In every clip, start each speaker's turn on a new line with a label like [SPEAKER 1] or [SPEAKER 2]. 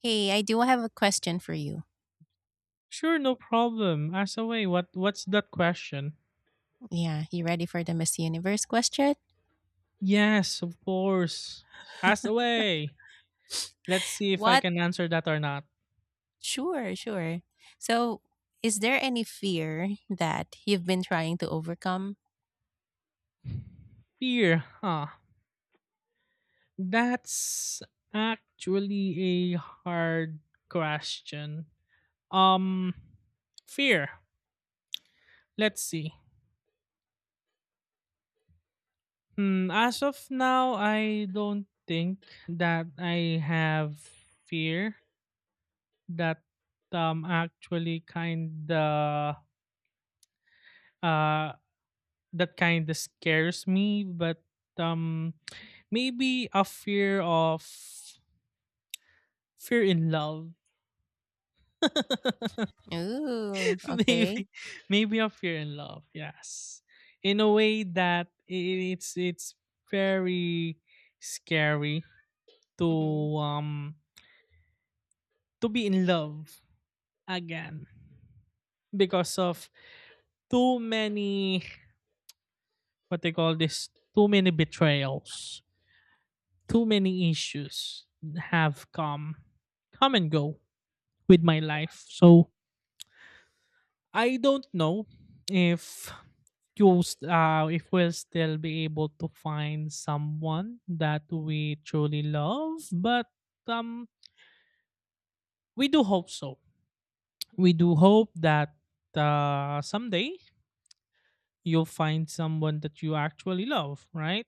[SPEAKER 1] Hey, I do have a question for you.
[SPEAKER 2] Sure, no problem. Ask away. What's that question?
[SPEAKER 1] Yeah, you ready for the Miss Universe question?
[SPEAKER 2] Yes, of course. Ask away. Let's see if I
[SPEAKER 1] What?
[SPEAKER 2] can answer that or not.
[SPEAKER 1] Sure. So, is there any fear that you've been trying to overcome?
[SPEAKER 2] Fear, huh? That's actually a hard question. Um fear. Let's see. Hmm, as of now, I don't think that I have fear that actually kind of uh that kind of scares me, but um maybe a fear of fear in love.
[SPEAKER 1] Ooh, okay.
[SPEAKER 2] maybe maybe a fear in love, yes, in a way that it's very scary to
[SPEAKER 1] Mm-hmm.
[SPEAKER 2] um to be in love again because of too many, what they call this, too many betrayals, too many issues have come and go with my life. So I don't know if you s- if we'll still be able to find someone that we truly love, but um we do hope so. We do hope that someday you'll find someone that you actually love, right?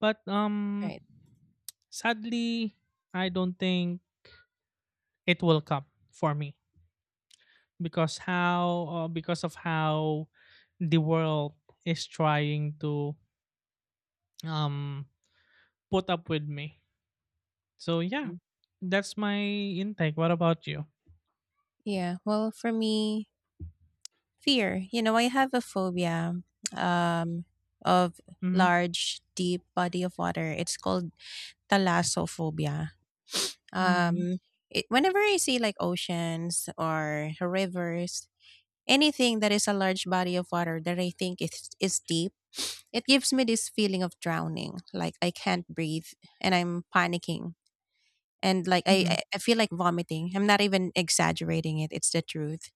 [SPEAKER 2] But
[SPEAKER 1] Right.
[SPEAKER 2] sadly, I don't think it will come for me, because of how the world is trying to um put up with me, so yeah,
[SPEAKER 1] Mhm.
[SPEAKER 2] that's my intake. What about you?
[SPEAKER 1] Yeah, well, for me, fear. You know, I have a phobia um, of
[SPEAKER 2] Mm-hmm.
[SPEAKER 1] large, deep body of water. It's called thalassophobia.
[SPEAKER 2] Mm-hmm.
[SPEAKER 1] Um, it, whenever I see like oceans or rivers, anything that is a large body of water that I think is deep, it gives me this feeling of drowning. Like I can't breathe and I'm panicking. And like I,
[SPEAKER 2] Mm-hmm.
[SPEAKER 1] I I feel like vomiting. I'm not even exaggerating it. It's the truth.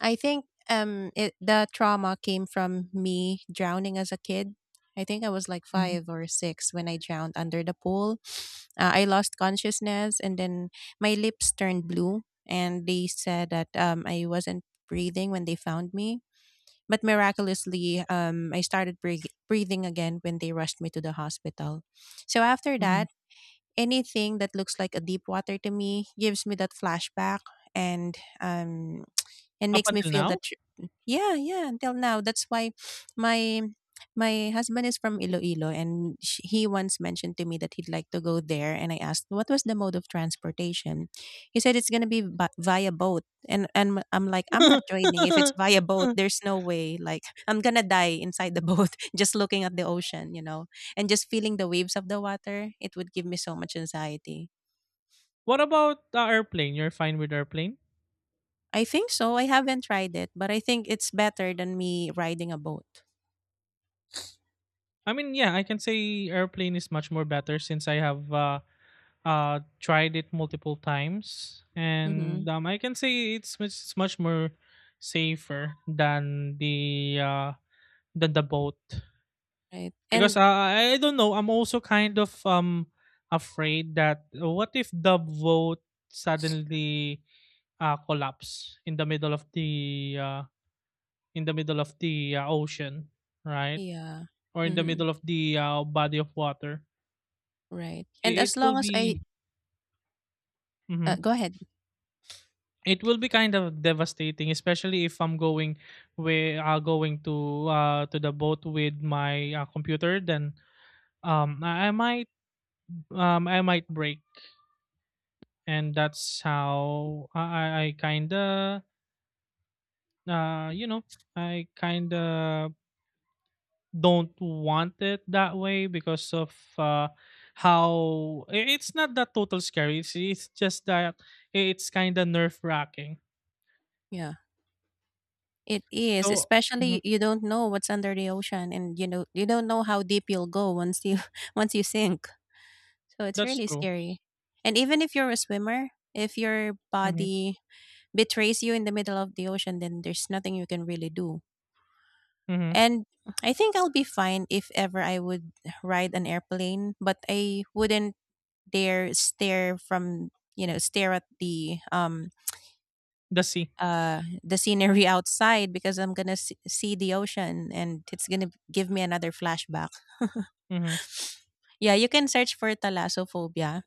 [SPEAKER 1] I think it, the trauma came from me drowning as a kid. I think I was like
[SPEAKER 2] Hmm.
[SPEAKER 1] five or six when I drowned under the pool. I lost consciousness and then my lips turned blue. And they said that I wasn't breathing when they found me, but miraculously, I started breathing again when they rushed me to the hospital. So after
[SPEAKER 2] Hmm.
[SPEAKER 1] that, anything that looks like a deep water to me gives me that flashback. And um, and
[SPEAKER 2] Up
[SPEAKER 1] makes me
[SPEAKER 2] until
[SPEAKER 1] feel
[SPEAKER 2] now.
[SPEAKER 1] that yeah, until now. That's why my my husband is from Iloilo, and he once mentioned to me that he'd like to go there, and I asked what was the mode of transportation. He said it's going to be via boat. And I'm like, I'm not trading. If it's via boat, there's no way. Like, I'm going to die inside the boat, just looking at the ocean, you know, and just feeling the waves of the water. It would give me so much anxiety.
[SPEAKER 2] What about airplane? You're fine with airplane?
[SPEAKER 1] I think so. I haven't tried it, but I think it's better than me riding a boat.
[SPEAKER 2] I mean, yeah, I can say airplane is much more better since I have tried it multiple times,
[SPEAKER 1] Mm-hmm.
[SPEAKER 2] and I can say it's much more safer than the boat.
[SPEAKER 1] Right.
[SPEAKER 2] Because
[SPEAKER 1] And
[SPEAKER 2] I don't know, I'm also kind of afraid that what if the boat suddenly collapse in the middle of the in the middle of the ocean, right,
[SPEAKER 1] yeah.
[SPEAKER 2] or in the
[SPEAKER 1] Mm-hmm.
[SPEAKER 2] middle of the body of water.
[SPEAKER 1] Right.
[SPEAKER 2] it,
[SPEAKER 1] And
[SPEAKER 2] it
[SPEAKER 1] as
[SPEAKER 2] will
[SPEAKER 1] long as I
[SPEAKER 2] be, Mhm,
[SPEAKER 1] go ahead.
[SPEAKER 2] it will be kind of devastating, especially if I'm going with going to the boat with my computer. Then, um, I, I might I might break, and that's how I kind of uh, you know I kind of don't want it that way because of, uh, how it's not that total scary. It's just that it's kind of nerve wracking.
[SPEAKER 1] Yeah. It is,
[SPEAKER 2] So.
[SPEAKER 1] especially
[SPEAKER 2] Mhm.
[SPEAKER 1] you don't know what's under the ocean, and you know you don't know how deep you'll go once you once you sink. So it's
[SPEAKER 2] That's
[SPEAKER 1] really
[SPEAKER 2] true.
[SPEAKER 1] scary. And even if you're a swimmer, if your
[SPEAKER 2] Hmm.
[SPEAKER 1] body betrays you in the middle of the ocean, then there's nothing you can really do.
[SPEAKER 2] Hmm.
[SPEAKER 1] And I think I'll be fine if ever I would ride an airplane, but I wouldn't dare stare from, you know, stare at
[SPEAKER 2] The sea.
[SPEAKER 1] the scenery outside, because I'm gonna see the ocean and it's gonna give me another flashback.
[SPEAKER 2] Mhm.
[SPEAKER 1] Yeah, you can search for thalassophobia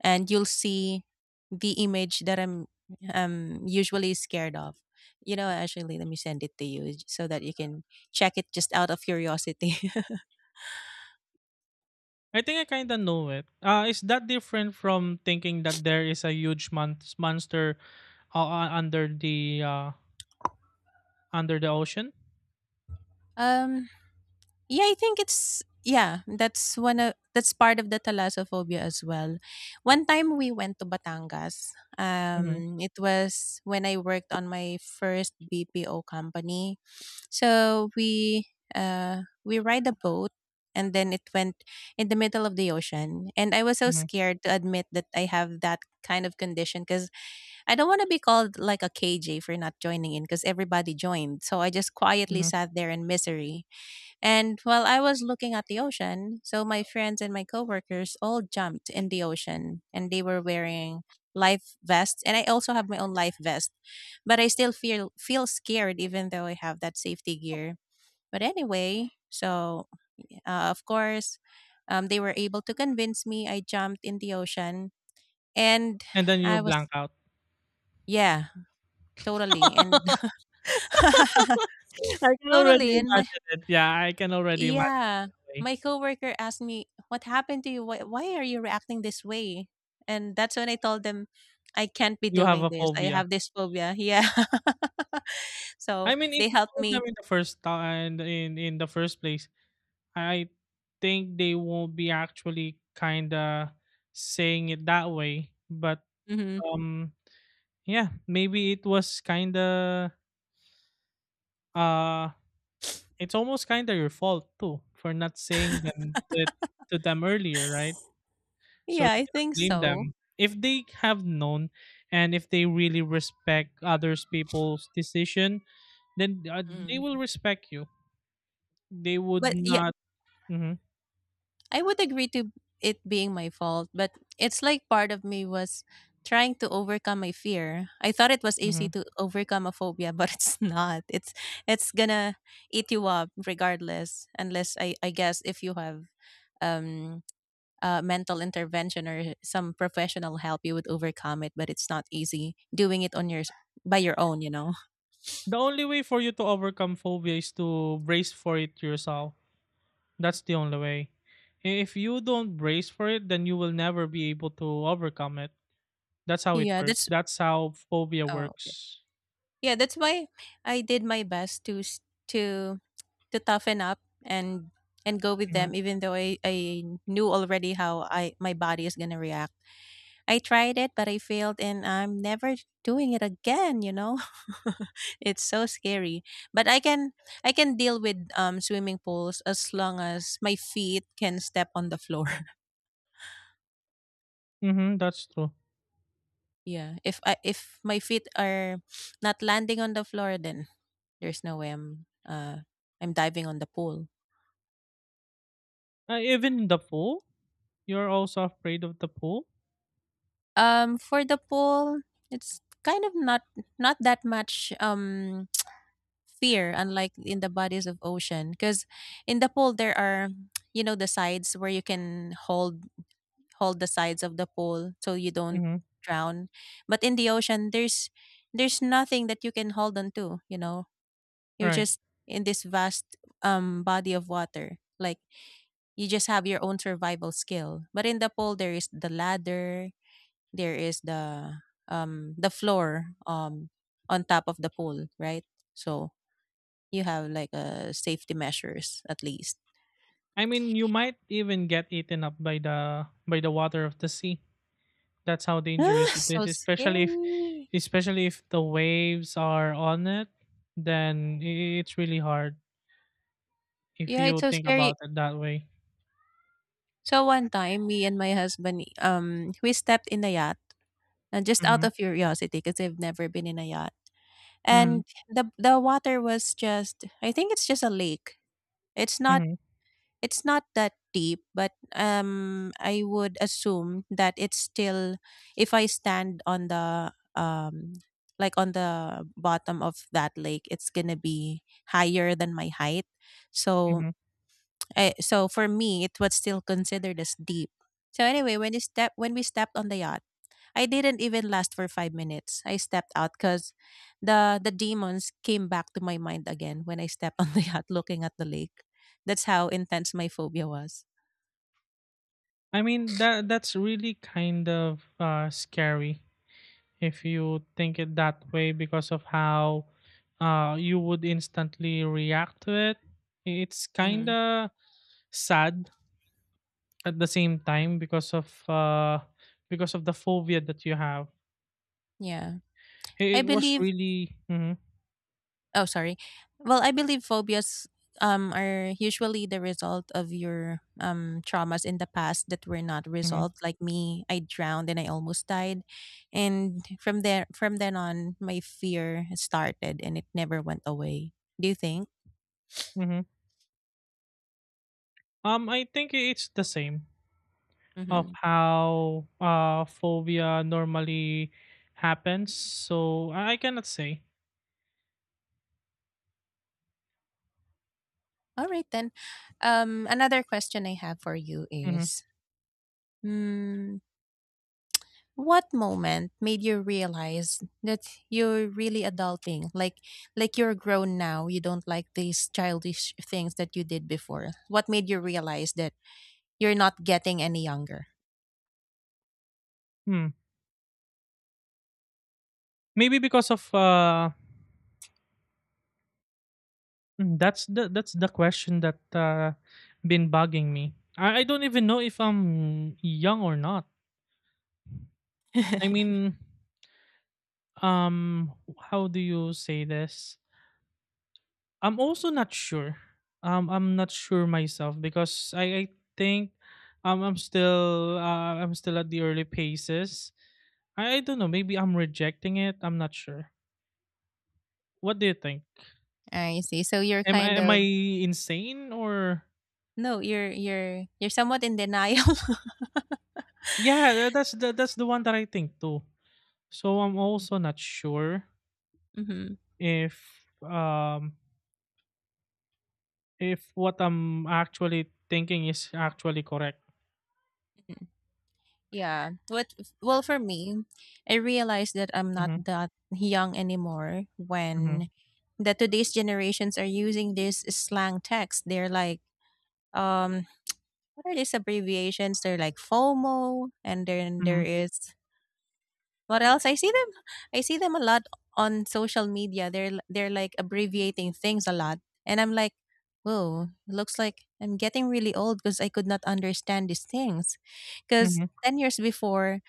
[SPEAKER 1] and you'll see the image that I'm usually scared of. You know, actually, let me send it to you so that you can check it, just out of curiosity.
[SPEAKER 2] I think I kind of know it. Is that different from thinking that there is a huge monster, uh, uh, under the uh, under the ocean?
[SPEAKER 1] um, Yeah, I think it's, yeah, that's one of, that's part of the thalassophobia as well. One time we went to Batangas.
[SPEAKER 2] Hmm.
[SPEAKER 1] Um, it was when I worked on my first BPO company. So we ride a boat, and then it went in the middle of the ocean, and I was so
[SPEAKER 2] Hmm.
[SPEAKER 1] scared to admit that I have that kind of condition, cuz I don't want to be called like a KJ for not joining in, cuz everybody joined. So I just quietly
[SPEAKER 2] Hmm.
[SPEAKER 1] sat there in misery, and while I was looking at the ocean, so my friends and my coworkers all jumped in the ocean, and they were wearing life vests, and I also have my own life vest, but I still feel scared even though I have that safety gear. But anyway, so of course, they were able to convince me. I jumped in the ocean and
[SPEAKER 2] And then you
[SPEAKER 1] I was
[SPEAKER 2] blank out.
[SPEAKER 1] yeah, totally, and
[SPEAKER 2] I can already
[SPEAKER 1] totally and
[SPEAKER 2] imagine it. Yeah, I can already imagine it.
[SPEAKER 1] yeah. My coworker asked me, "What happened to you? Why are you reacting this way?" And that's when I told them, "I can't be
[SPEAKER 2] You have
[SPEAKER 1] doing
[SPEAKER 2] a
[SPEAKER 1] this. I
[SPEAKER 2] phobia.
[SPEAKER 1] have this phobia." Yeah. So
[SPEAKER 2] I mean, if
[SPEAKER 1] they
[SPEAKER 2] you
[SPEAKER 1] helped
[SPEAKER 2] told them
[SPEAKER 1] me.
[SPEAKER 2] in the first time, in the first place, I think they won't be actually kind of saying it that way. But
[SPEAKER 1] Hmm.
[SPEAKER 2] um, yeah, maybe it was kind of, uh it's almost kind of your fault too for not saying them to them earlier, right? So
[SPEAKER 1] Yeah,
[SPEAKER 2] you
[SPEAKER 1] I
[SPEAKER 2] cannot
[SPEAKER 1] think
[SPEAKER 2] blame
[SPEAKER 1] so.
[SPEAKER 2] them. If they have known, and if they really respect others people's decision, then they
[SPEAKER 1] Mm.
[SPEAKER 2] will respect you. They would
[SPEAKER 1] But yeah,
[SPEAKER 2] not. Hmm.
[SPEAKER 1] I would agree to it being my fault, but it's like part of me was trying to overcome my fear. I thought it was easy
[SPEAKER 2] Hmm.
[SPEAKER 1] to overcome a phobia, but it's not. It's gonna eat you up regardless, unless I guess if you have um mental intervention or some professional help, you would overcome it. But it's not easy doing it on your by your own, you know.
[SPEAKER 2] The only way for you to overcome phobia is to brace for it yourself. That's the only way. If you don't brace for it, then you will never be able to overcome it. That's how it
[SPEAKER 1] Yeah,
[SPEAKER 2] works.
[SPEAKER 1] that's
[SPEAKER 2] That's how phobia
[SPEAKER 1] Oh, okay.
[SPEAKER 2] works.
[SPEAKER 1] Yeah, that's why I did my best to to to toughen up and and go with
[SPEAKER 2] Mhm.
[SPEAKER 1] them, even though I knew already how I my body is gonna react. I tried it, but I failed, and I'm never doing it again. You know, it's so scary. But I can deal with swimming pools as long as my feet can step on the floor.
[SPEAKER 2] Mhm, that's true.
[SPEAKER 1] Yeah, if I if my feet are not landing on the floor, then there's no way I'm diving on the pool.
[SPEAKER 2] Even in the pool, you're also afraid of the pool?
[SPEAKER 1] Um, for the pool, it's kind of not that much fear, unlike in the bodies of ocean, because in the pool there are you know the sides where you can hold the sides of the pool so you don't
[SPEAKER 2] Mhm,
[SPEAKER 1] drown. But in the ocean there's nothing that you can hold on to, you know. You're
[SPEAKER 2] right.
[SPEAKER 1] just in this vast body of water. Like, you just have your own survival skill. But in the pole, there is the ladder, there is the floor on top of the pole, right? So you have like safety measures at least.
[SPEAKER 2] I mean, you might even get eaten up by the water of the sea. That's how
[SPEAKER 1] Ah,
[SPEAKER 2] dangerous it
[SPEAKER 1] so
[SPEAKER 2] is, especially if,
[SPEAKER 1] scary.
[SPEAKER 2] the waves are on it. Then it's really hard if
[SPEAKER 1] Yeah, it's
[SPEAKER 2] you
[SPEAKER 1] so
[SPEAKER 2] think
[SPEAKER 1] scary.
[SPEAKER 2] about it that way.
[SPEAKER 1] So one time, me and my husband, we stepped in the yacht just out
[SPEAKER 2] Mhm.
[SPEAKER 1] of curiosity because I've never been in a yacht,
[SPEAKER 2] Mhm.
[SPEAKER 1] and the water was just, I think it's just a lake. It's not,
[SPEAKER 2] Mhm.
[SPEAKER 1] it's not that deep, but I would assume that it's still, if I stand on the like on the bottom of that lake, it's gonna be higher than my height. So,
[SPEAKER 2] Mhm.
[SPEAKER 1] I, so for me, it was still considered as deep. So anyway, when we step when we stepped on the yacht, I didn't even last for five minutes. I stepped out because the demons came back to my mind again when I stepped on the yacht looking at the lake. That's how intense my phobia was.
[SPEAKER 2] I mean, that's really kind of scary, if you think it that way, because of how, you would instantly react to it. It's kind
[SPEAKER 1] Mhm.
[SPEAKER 2] of sad at the same time, because of, the phobia that you have.
[SPEAKER 1] Yeah. I
[SPEAKER 2] It was
[SPEAKER 1] believe,
[SPEAKER 2] really. Mhm.
[SPEAKER 1] oh, sorry. Well, I believe phobias are usually the result of your traumas in the past that were not
[SPEAKER 2] Mhm.
[SPEAKER 1] resolved. Like me, I drowned and I almost died. And from there, from then on, my fear started and it never went away. Do you think?
[SPEAKER 2] Mhm. I think it's the same of
[SPEAKER 1] Mhm.
[SPEAKER 2] how, phobia normally happens. So I cannot say.
[SPEAKER 1] All right, then. Another question I have for you
[SPEAKER 2] Hmm.
[SPEAKER 1] is, mm, what moment made you realize that you're really adulting? Like you're grown now. You don't like these childish things that you did before. What made you realize that you're not getting any younger?
[SPEAKER 2] Hmm. Maybe because of Mm, That's the question that been bugging me. I don't even know if I'm young or not. I mean, um, how do you say this? I'm also not sure. I'm not sure myself because I think, I'm still at the early paces. I don't know. Maybe I'm rejecting it. I'm not sure. What do you think?
[SPEAKER 1] I see. So you're
[SPEAKER 2] Am I
[SPEAKER 1] kind
[SPEAKER 2] am I
[SPEAKER 1] of,
[SPEAKER 2] insane or?
[SPEAKER 1] no, you're somewhat in denial.
[SPEAKER 2] Yeah, that's the one that I think too. So I'm also not sure
[SPEAKER 1] Hmm.
[SPEAKER 2] if um if what I'm actually thinking is actually correct.
[SPEAKER 1] Yeah. What, well, for me, I realized that I'm not
[SPEAKER 2] Mhm.
[SPEAKER 1] that young anymore when
[SPEAKER 2] Mhm.
[SPEAKER 1] the today's generations are using this slang text. They're like um what are these abbreviations? They're like FOMO, and then there
[SPEAKER 2] Mhm.
[SPEAKER 1] is what else? I see them, I see them a lot on social media. They're they're like abbreviating things a lot. And I'm like, whoa, looks like I'm getting really old because I could not understand these things, because
[SPEAKER 2] Mhm.
[SPEAKER 1] 10 years before,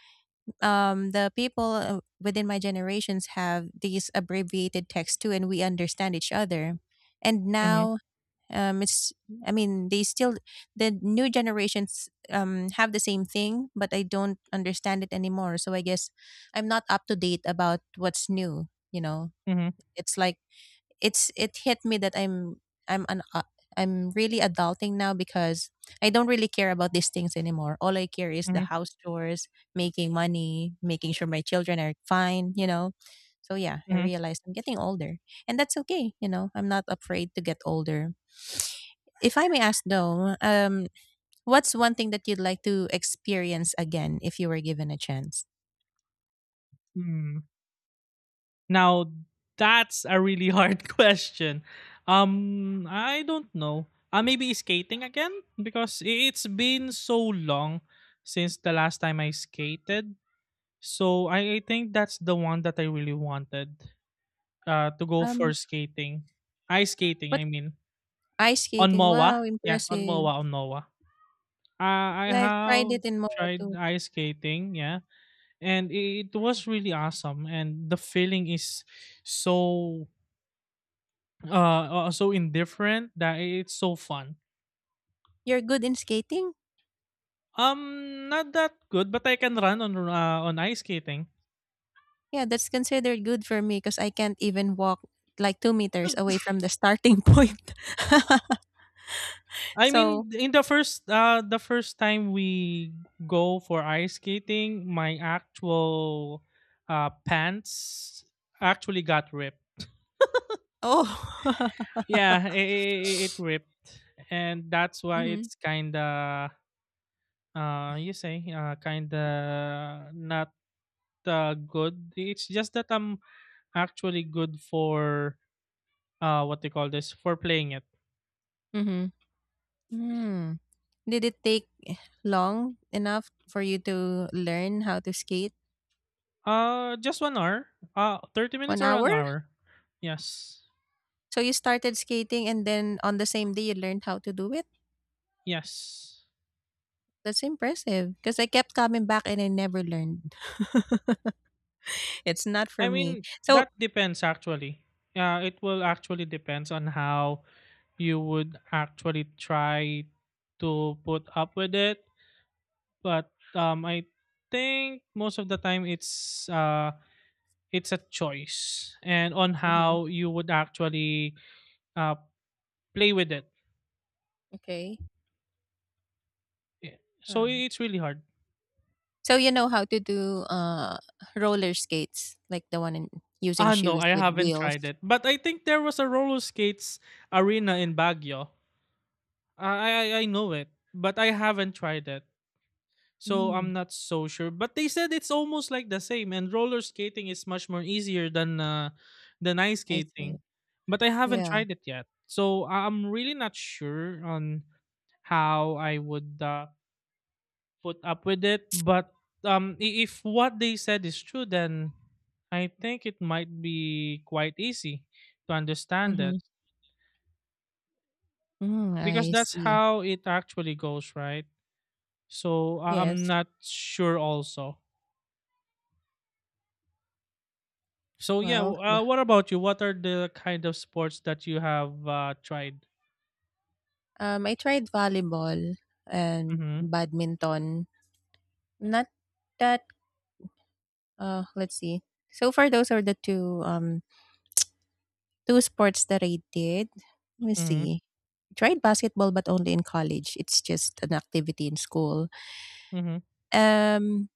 [SPEAKER 1] the people within my generations have these abbreviated texts too, and we understand each other. And
[SPEAKER 2] Mhm.
[SPEAKER 1] now, it's, I mean, they still, the new generations have the same thing, but I don't understand it anymore. So I guess I'm not up to date about what's new. You know,
[SPEAKER 2] Mhm.
[SPEAKER 1] it's like it's it hit me that I'm an I'm really adulting now because I don't really care about these things anymore. All I care is the
[SPEAKER 2] Mhm.
[SPEAKER 1] house chores, making money, making sure my children are fine, you know. So yeah, I
[SPEAKER 2] Mhm.
[SPEAKER 1] realized I'm getting older, and that's okay. You know, I'm not afraid to get older. If I may ask though, what's one thing that you'd like to experience again if you were given a chance?
[SPEAKER 2] Hmm. Now, that's a really hard question. I don't know. Maybe skating again, because it's been so long since the last time I skated. So I think that's the one that I really wanted, to go for
[SPEAKER 1] Um,
[SPEAKER 2] skating. Ice skating,
[SPEAKER 1] what,
[SPEAKER 2] I mean.
[SPEAKER 1] ice
[SPEAKER 2] On
[SPEAKER 1] skating?
[SPEAKER 2] MOA?
[SPEAKER 1] Wow,
[SPEAKER 2] Yes, on
[SPEAKER 1] impressive.
[SPEAKER 2] MOA, on MOA. I
[SPEAKER 1] Yeah, I've tried
[SPEAKER 2] have
[SPEAKER 1] it in Moa
[SPEAKER 2] tried
[SPEAKER 1] too.
[SPEAKER 2] ice skating, yeah. And it was really awesome. And the feeling is so so indifferent that it's so fun.
[SPEAKER 1] You're good in skating?
[SPEAKER 2] Not that good, but I can run on ice skating.
[SPEAKER 1] Yeah, that's considered good for me because I can't even walk like two meters away from the starting point.
[SPEAKER 2] I
[SPEAKER 1] So,
[SPEAKER 2] mean, in the first time we go for ice skating, my actual pants actually got ripped.
[SPEAKER 1] oh,
[SPEAKER 2] Yeah, ripped, and that's why
[SPEAKER 1] mm-hmm,
[SPEAKER 2] it's kind of, you say, kind of not, good. It's just that I'm actually good for, what they call this, for playing it.
[SPEAKER 1] mm-hmm. Mm. Did it take long enough for you to learn how to skate?
[SPEAKER 2] Just 1 hour. Thirty
[SPEAKER 1] One
[SPEAKER 2] minutes or an
[SPEAKER 1] hour?
[SPEAKER 2] hour. Yes,
[SPEAKER 1] So you started skating and then on the same day you learned how to do it?
[SPEAKER 2] yes.
[SPEAKER 1] That's impressive because I kept coming back and I never learned. It's not for
[SPEAKER 2] I
[SPEAKER 1] me.
[SPEAKER 2] mean,
[SPEAKER 1] So,
[SPEAKER 2] that depends actually. Yeah, it will actually depends on how you would actually try to put up with it. But I think most of the time it's a choice, and on
[SPEAKER 1] mhm,
[SPEAKER 2] how you would actually, uh, play with it.
[SPEAKER 1] okay.
[SPEAKER 2] Yeah. So it's really hard.
[SPEAKER 1] So you know how to do roller skates, like the one in using
[SPEAKER 2] Ah, no,
[SPEAKER 1] shoes
[SPEAKER 2] I
[SPEAKER 1] with
[SPEAKER 2] haven't
[SPEAKER 1] wheels.
[SPEAKER 2] tried it. But I think there was a roller skates arena in Baguio. I I know it, but I haven't tried it. So
[SPEAKER 1] Mm,
[SPEAKER 2] I'm not so sure, but they said it's almost like the same, and roller skating is much more easier than ice
[SPEAKER 1] I see.
[SPEAKER 2] skating. But I haven't
[SPEAKER 1] Yeah.
[SPEAKER 2] tried it yet, so I'm really not sure on how I would, put up with it. But if what they said is true, then I think it might be quite easy to understand
[SPEAKER 1] Mm-hmm.
[SPEAKER 2] it,
[SPEAKER 1] Mm,
[SPEAKER 2] because
[SPEAKER 1] I
[SPEAKER 2] that's
[SPEAKER 1] see.
[SPEAKER 2] how it actually goes, right? So I'm
[SPEAKER 1] Yes.
[SPEAKER 2] not sure also. So yeah,
[SPEAKER 1] Well,
[SPEAKER 2] what about you? What are the kind of sports that you have, tried?
[SPEAKER 1] I tried volleyball and
[SPEAKER 2] Mm-hmm.
[SPEAKER 1] badminton. Not that. Let's see. So far, those are the two sports that I did. Let me
[SPEAKER 2] Mm-hmm.
[SPEAKER 1] see. Tried basketball, but only in college. It's just an activity in school.
[SPEAKER 2] Mm-hmm.
[SPEAKER 1] Um,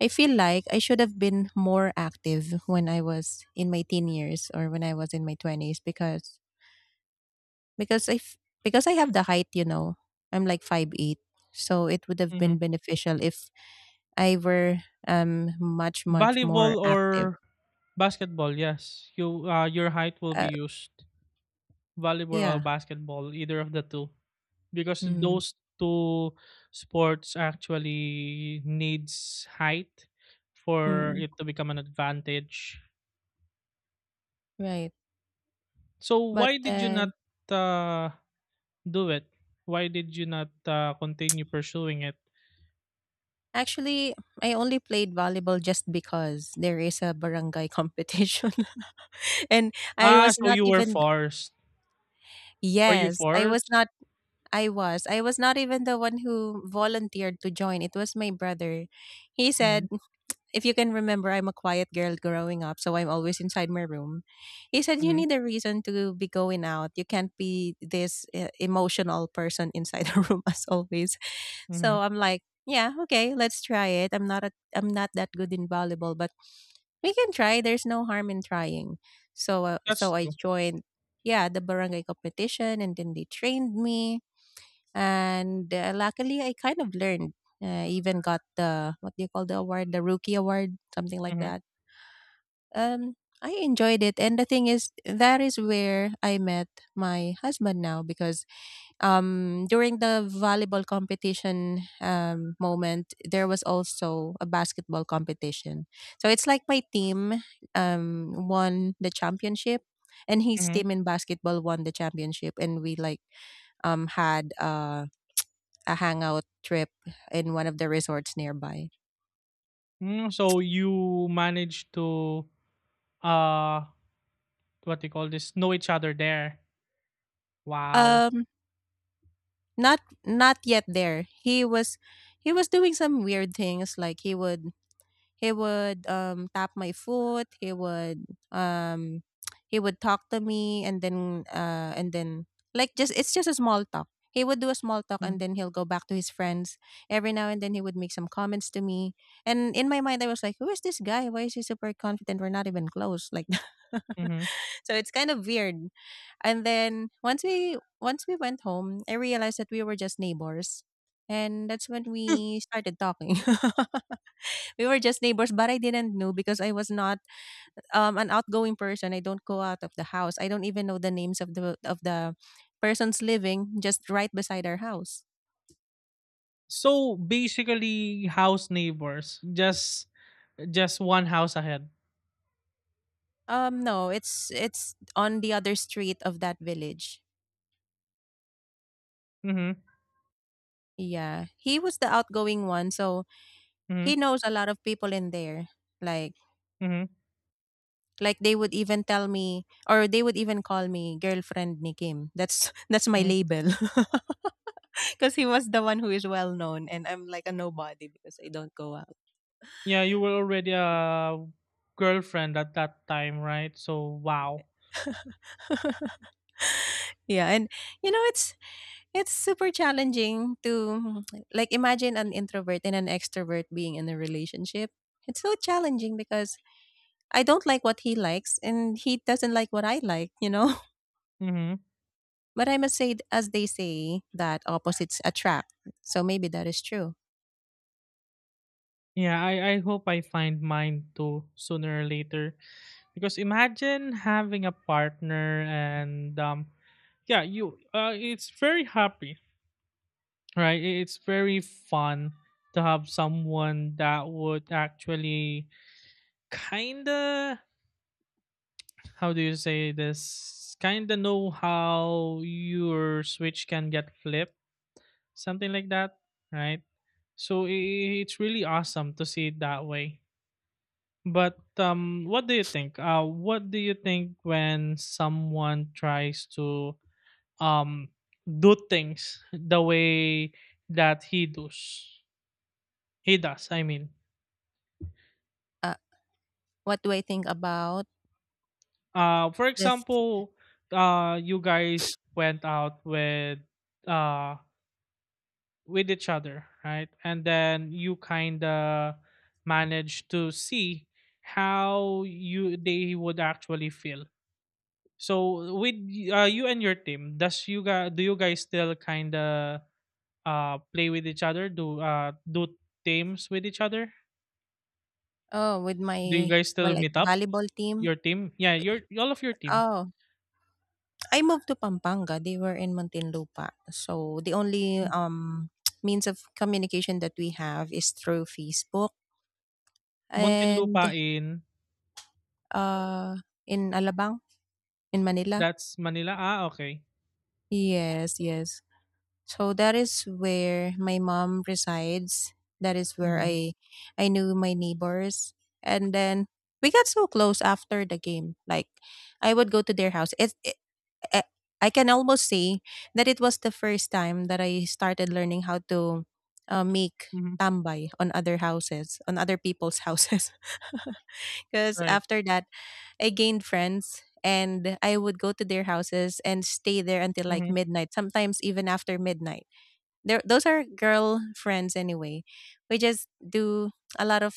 [SPEAKER 1] I feel like I should have been more active when I was in my teen years or when I was in my 20s because I f- because I have the height, you know. I'm like 5'8", so it would have
[SPEAKER 2] Mm-hmm.
[SPEAKER 1] been beneficial if I were much more
[SPEAKER 2] Volleyball
[SPEAKER 1] active.
[SPEAKER 2] or basketball? Yes, your height will
[SPEAKER 1] Uh,
[SPEAKER 2] be used. Volleyball or
[SPEAKER 1] yeah.
[SPEAKER 2] basketball, either of the two, because
[SPEAKER 1] Mm,
[SPEAKER 2] those two sports actually needs height for
[SPEAKER 1] mm,
[SPEAKER 2] it to become an advantage.
[SPEAKER 1] right.
[SPEAKER 2] So
[SPEAKER 1] But
[SPEAKER 2] why did you not,
[SPEAKER 1] then
[SPEAKER 2] uh, do it? Why did you not, continue pursuing it?
[SPEAKER 1] actually I only played volleyball just because there is a barangay competition and I
[SPEAKER 2] Ah,
[SPEAKER 1] was
[SPEAKER 2] so
[SPEAKER 1] not
[SPEAKER 2] you were
[SPEAKER 1] even.
[SPEAKER 2] forced. Were you
[SPEAKER 1] Yes, I was
[SPEAKER 2] forced?
[SPEAKER 1] not. I was. I was not even the one who volunteered to join. It was my brother. He said,
[SPEAKER 2] Mhm.
[SPEAKER 1] if you can remember, I'm a quiet girl growing up, so I'm always inside my room. He said, you
[SPEAKER 2] Mhm.
[SPEAKER 1] need a reason to be going out. You can't be this emotional person inside the room as always.
[SPEAKER 2] Mhm.
[SPEAKER 1] So I'm like, yeah, okay, let's try it. I'm not a, I'm not that good in volleyball, but we can try. There's no harm in trying. So uh,
[SPEAKER 2] That's
[SPEAKER 1] so I
[SPEAKER 2] true.
[SPEAKER 1] joined, yeah, the barangay competition, and then they trained me, and luckily I kind of learned. Even got the, what do you call, the award, the rookie award, something like
[SPEAKER 2] Mhm.
[SPEAKER 1] that. Um, I enjoyed it, and the thing is, that is where I met my husband now, because during the volleyball competition moment, there was also a basketball competition. So it's like my team won the championship, and his
[SPEAKER 2] Mhm.
[SPEAKER 1] team in basketball won the championship, and we like had a hangout trip in one of the resorts nearby.
[SPEAKER 2] Mm, so you managed to, uh, what do you call this, know each other there. Wow.
[SPEAKER 1] Um, not yet there. He was, he was doing some weird things, like he would, he would tap my foot, um he would talk to me, and then like, just, it's just a small talk. He would do a small talk and
[SPEAKER 2] Mm.
[SPEAKER 1] then he'll go back to his friends. Every now and then he would make some comments to me. And in my mind I was like, who is this guy? Why is he super confident? We're not even close. Like
[SPEAKER 2] Mhm.
[SPEAKER 1] so it's kind of weird. And then, once we went home, I realized that we were just neighbors, and that's when we started talking. We were just neighbors, but I didn't know, because I was not an outgoing person. I don't go out of the house. I don't even know the names of the persons living just right beside our house.
[SPEAKER 2] So basically, house neighbors, just one house ahead.
[SPEAKER 1] Um, no, it's, it's on the other street of that village.
[SPEAKER 2] Mhm.
[SPEAKER 1] Yeah, he was the outgoing one, so
[SPEAKER 2] Mhm.
[SPEAKER 1] he knows a lot of people in there. like
[SPEAKER 2] Mhm.
[SPEAKER 1] Like they would even tell me, or they would even call me girlfriend ni Kim. That's that's my
[SPEAKER 2] Mhm.
[SPEAKER 1] label. Cuz he was the one who is well known, and I'm like a nobody because I don't go out.
[SPEAKER 2] Yeah, you were already a girlfriend at that time, right? So wow.
[SPEAKER 1] Yeah, and it's it's super challenging to like, imagine an introvert and an extrovert being in a relationship. It's so challenging because I don't like what he likes, and he doesn't like what I like, you know?
[SPEAKER 2] Mhm.
[SPEAKER 1] But I must say, as they say, that opposites attract. So maybe that is true.
[SPEAKER 2] Yeah, I hope I find mine too sooner or later. Because imagine having a partner, and yeah, you it's very happy, right? It's very fun to have someone that would actually kinda, how do you say this, kinda know how your switch can get flipped, something like that, right? So it's really awesome to see it that way. But what do you think? What do you think when someone tries to, um do things the way that he does? He does. I mean,
[SPEAKER 1] Uh, what do I think about
[SPEAKER 2] for
[SPEAKER 1] this?
[SPEAKER 2] example, you guys went out uh with each other, right? And then you kind of managed to see how you they would actually feel. So with you and your team, does you guys do you guys still kind of, play with each other? Do teams with each other?
[SPEAKER 1] Oh, with
[SPEAKER 2] Do you
[SPEAKER 1] my,
[SPEAKER 2] guys
[SPEAKER 1] well,
[SPEAKER 2] still
[SPEAKER 1] like,
[SPEAKER 2] meet up?
[SPEAKER 1] volleyball team.
[SPEAKER 2] Your team? Yeah, your all of your team.
[SPEAKER 1] Oh, I moved to Pampanga. They were in Muntinlupa. So the only means of communication that we have is through Facebook, and
[SPEAKER 2] Muntinlupa in
[SPEAKER 1] uh in Alabang, in Manila.
[SPEAKER 2] that's Manila. Ah, okay.
[SPEAKER 1] Yes, yes. So that is where my mom resides. That is where
[SPEAKER 2] Mhm.
[SPEAKER 1] I knew my neighbors. And then we got so close after the game. Like, I would go to their house. It I I can almost say that it was the first time that I started learning how to make
[SPEAKER 2] Mhm.
[SPEAKER 1] tambay on other houses, on other people's houses. Because
[SPEAKER 2] Right.
[SPEAKER 1] after that, I gained friends and I would go to their houses and stay there until like
[SPEAKER 2] Mhm.
[SPEAKER 1] midnight, sometimes even after midnight. There, those are girl friends anyway. We just do a lot of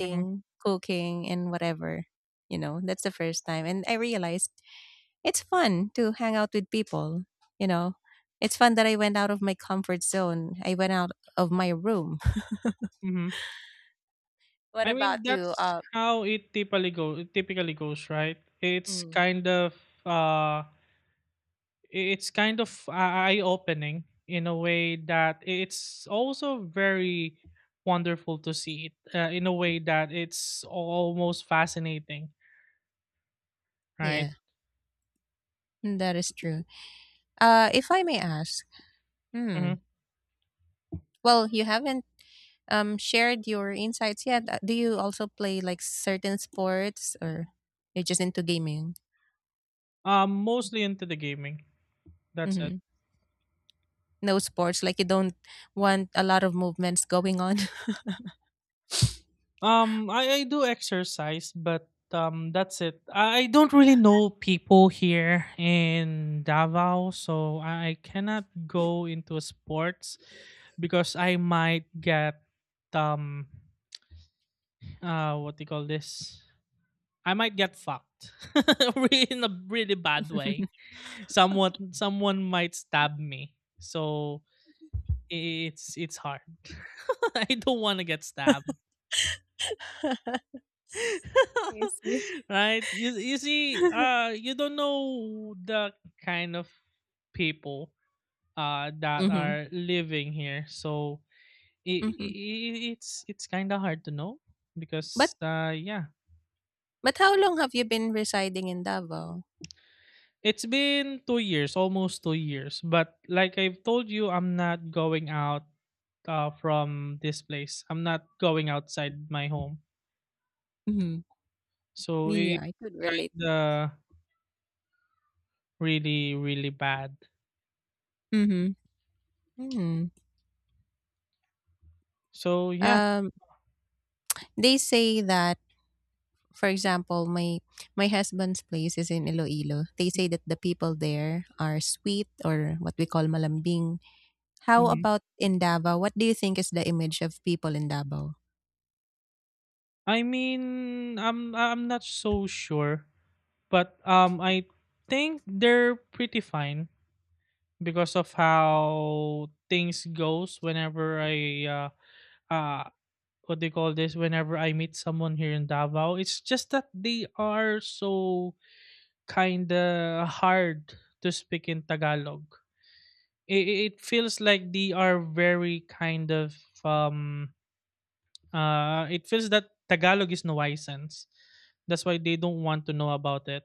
[SPEAKER 2] Mhm.
[SPEAKER 1] cooking, and whatever. You know, that's the first time, and I realized it's fun to hang out with people. You know, it's fun that I went out of my comfort zone. I went out of my room.
[SPEAKER 2] Mhm.
[SPEAKER 1] What
[SPEAKER 2] I
[SPEAKER 1] about
[SPEAKER 2] mean,
[SPEAKER 1] you?
[SPEAKER 2] that's how it typically goes, right?
[SPEAKER 1] Mm,
[SPEAKER 2] Uh it's kind of eye opening, in a way that it's also very wonderful to see it, in a way that it's almost fascinating, right.
[SPEAKER 1] yeah, that is true. If I may ask, hmm.
[SPEAKER 2] Hmm.
[SPEAKER 1] Well, you haven't shared your insights. Yeah. Do you also play like certain sports, or you're just into gaming?
[SPEAKER 2] Mostly into the gaming, that's it.
[SPEAKER 1] Hmm. No sports, like, you don't want a lot of movements going on.
[SPEAKER 2] I do exercise, but that's it. I don't really know people here in Davao, so I cannot go into sports, because I might get um what do you call this, I might get fucked in a really bad way. Someone might stab me. So it's hard. I don't want to get stabbed.
[SPEAKER 1] I see.
[SPEAKER 2] Right? You see, you don't know the kind of people that
[SPEAKER 1] Mm-hmm.
[SPEAKER 2] are living here. So it,
[SPEAKER 1] Mm-hmm.
[SPEAKER 2] it, it's it's kind of hard to know,
[SPEAKER 1] But
[SPEAKER 2] because yeah.
[SPEAKER 1] But how long have you been residing in Davao?
[SPEAKER 2] It's been 2 years, almost 2 years, but like I've told you, I'm not going out, from this place. I'm not going outside my home.
[SPEAKER 1] Mhm.
[SPEAKER 2] So
[SPEAKER 1] Yeah,
[SPEAKER 2] it's
[SPEAKER 1] I could relate.
[SPEAKER 2] kinda really, really bad.
[SPEAKER 1] Mhm. Hmm.
[SPEAKER 2] So yeah.
[SPEAKER 1] Um, they say that, for example, my husband's place is in Iloilo. They say that the people there are sweet, or what we call malambing. How
[SPEAKER 2] Mhm.
[SPEAKER 1] about in Davao? What do you think is the image of people in Davao?
[SPEAKER 2] I mean, I'm not so sure, but I think they're pretty fine, because of how things goes whenever I, uh, uh what they call this, whenever I meet someone here in Davao. It's just that they are so kinda hard to speak in Tagalog. It, it feels like they are very um it feels that Tagalog is nuisance. That's why they don't want to know about it.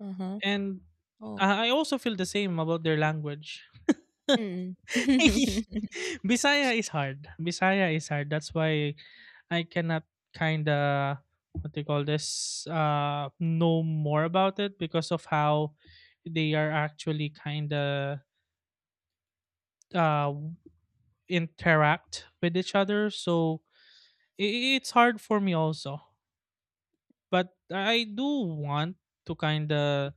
[SPEAKER 1] Mhm.
[SPEAKER 2] And
[SPEAKER 1] Oh,
[SPEAKER 2] I also feel the same about their language.
[SPEAKER 1] mm.
[SPEAKER 2] Bisaya is hard. Bisaya is hard. That's why I cannot kind of, what do you call this, know more about it, because of how they are actually kind of, uh interact with each other. So it's hard for me also. But I do want to kind of,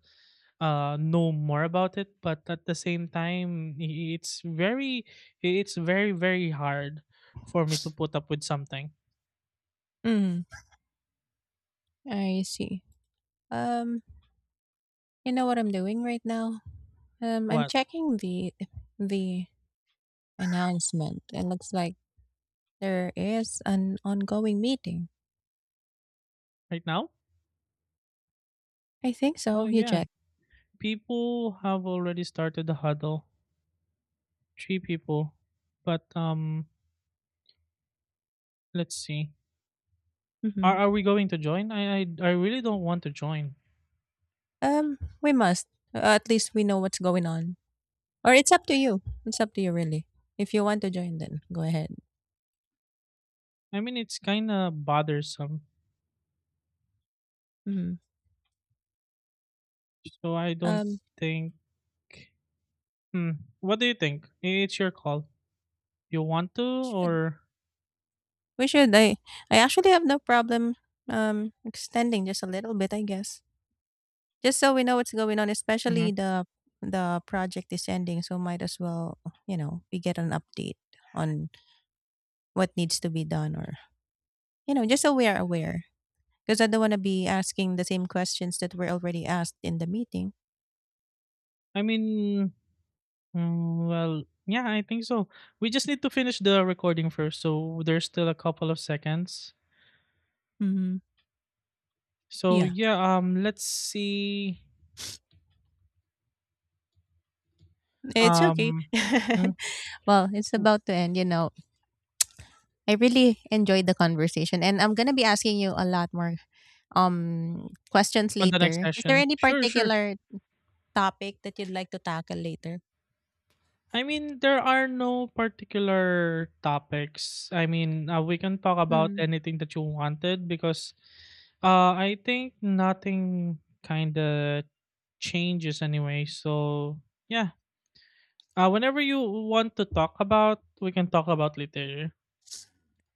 [SPEAKER 2] know more about it, but at the same time, it's very very hard for me to put up with something.
[SPEAKER 1] Mm, I see. Um, you know what I'm doing right now? I'm
[SPEAKER 2] What?
[SPEAKER 1] checking the announcement. It looks like there is an ongoing meeting.
[SPEAKER 2] Right now?
[SPEAKER 1] I think
[SPEAKER 2] Oh
[SPEAKER 1] so. You
[SPEAKER 2] yeah,
[SPEAKER 1] check.
[SPEAKER 2] people have already started the huddle. Three people. But let's see. are,
[SPEAKER 1] Mm-hmm.
[SPEAKER 2] are we going to join? I really don't want to join.
[SPEAKER 1] We must. At least we know what's going on. Or it's up to you. It's up to you, really. If you want to join, then go ahead.
[SPEAKER 2] I mean, it's kind of bothersome,
[SPEAKER 1] Hmm.
[SPEAKER 2] so I don't
[SPEAKER 1] Um,
[SPEAKER 2] think. Hmm. What do you think? It's your call. You want to,
[SPEAKER 1] should
[SPEAKER 2] or?
[SPEAKER 1] we, should? I actually have no problem. Extending just a little bit, I guess, just so we know what's going on. Especially
[SPEAKER 2] Mhm.
[SPEAKER 1] the project is ending, so might as well, you know, we get an update on what needs to be done, or, you know, just so we are aware. Because I don't want to be asking the same questions that were already asked in the meeting.
[SPEAKER 2] I mean, well, yeah, I think so. We just need to finish the recording first, so there's still a couple of seconds.
[SPEAKER 1] Mm-hmm.
[SPEAKER 2] So
[SPEAKER 1] Yeah.
[SPEAKER 2] yeah, let's see,
[SPEAKER 1] It's okay.
[SPEAKER 2] um, mm,
[SPEAKER 1] Well, it's
[SPEAKER 2] w-
[SPEAKER 1] about to end, you know. I really enjoyed the conversation, and I'm going to be asking you a lot more questions
[SPEAKER 2] on the next
[SPEAKER 1] later. Is there
[SPEAKER 2] session.
[SPEAKER 1] any
[SPEAKER 2] Sure, sure.
[SPEAKER 1] particular topic that you'd like to tackle later?
[SPEAKER 2] I mean, there are no particular topics. I mean, we can talk about
[SPEAKER 1] Hmm.
[SPEAKER 2] anything that you wanted, because, I think nothing kind of changes anyway. So yeah. Whenever you want to talk about, we can talk about later.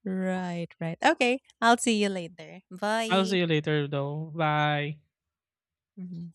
[SPEAKER 1] Right, right. Okay. I'll see you later.
[SPEAKER 2] I'll
[SPEAKER 1] Bye.
[SPEAKER 2] see you later though. Bye.
[SPEAKER 1] Mhm.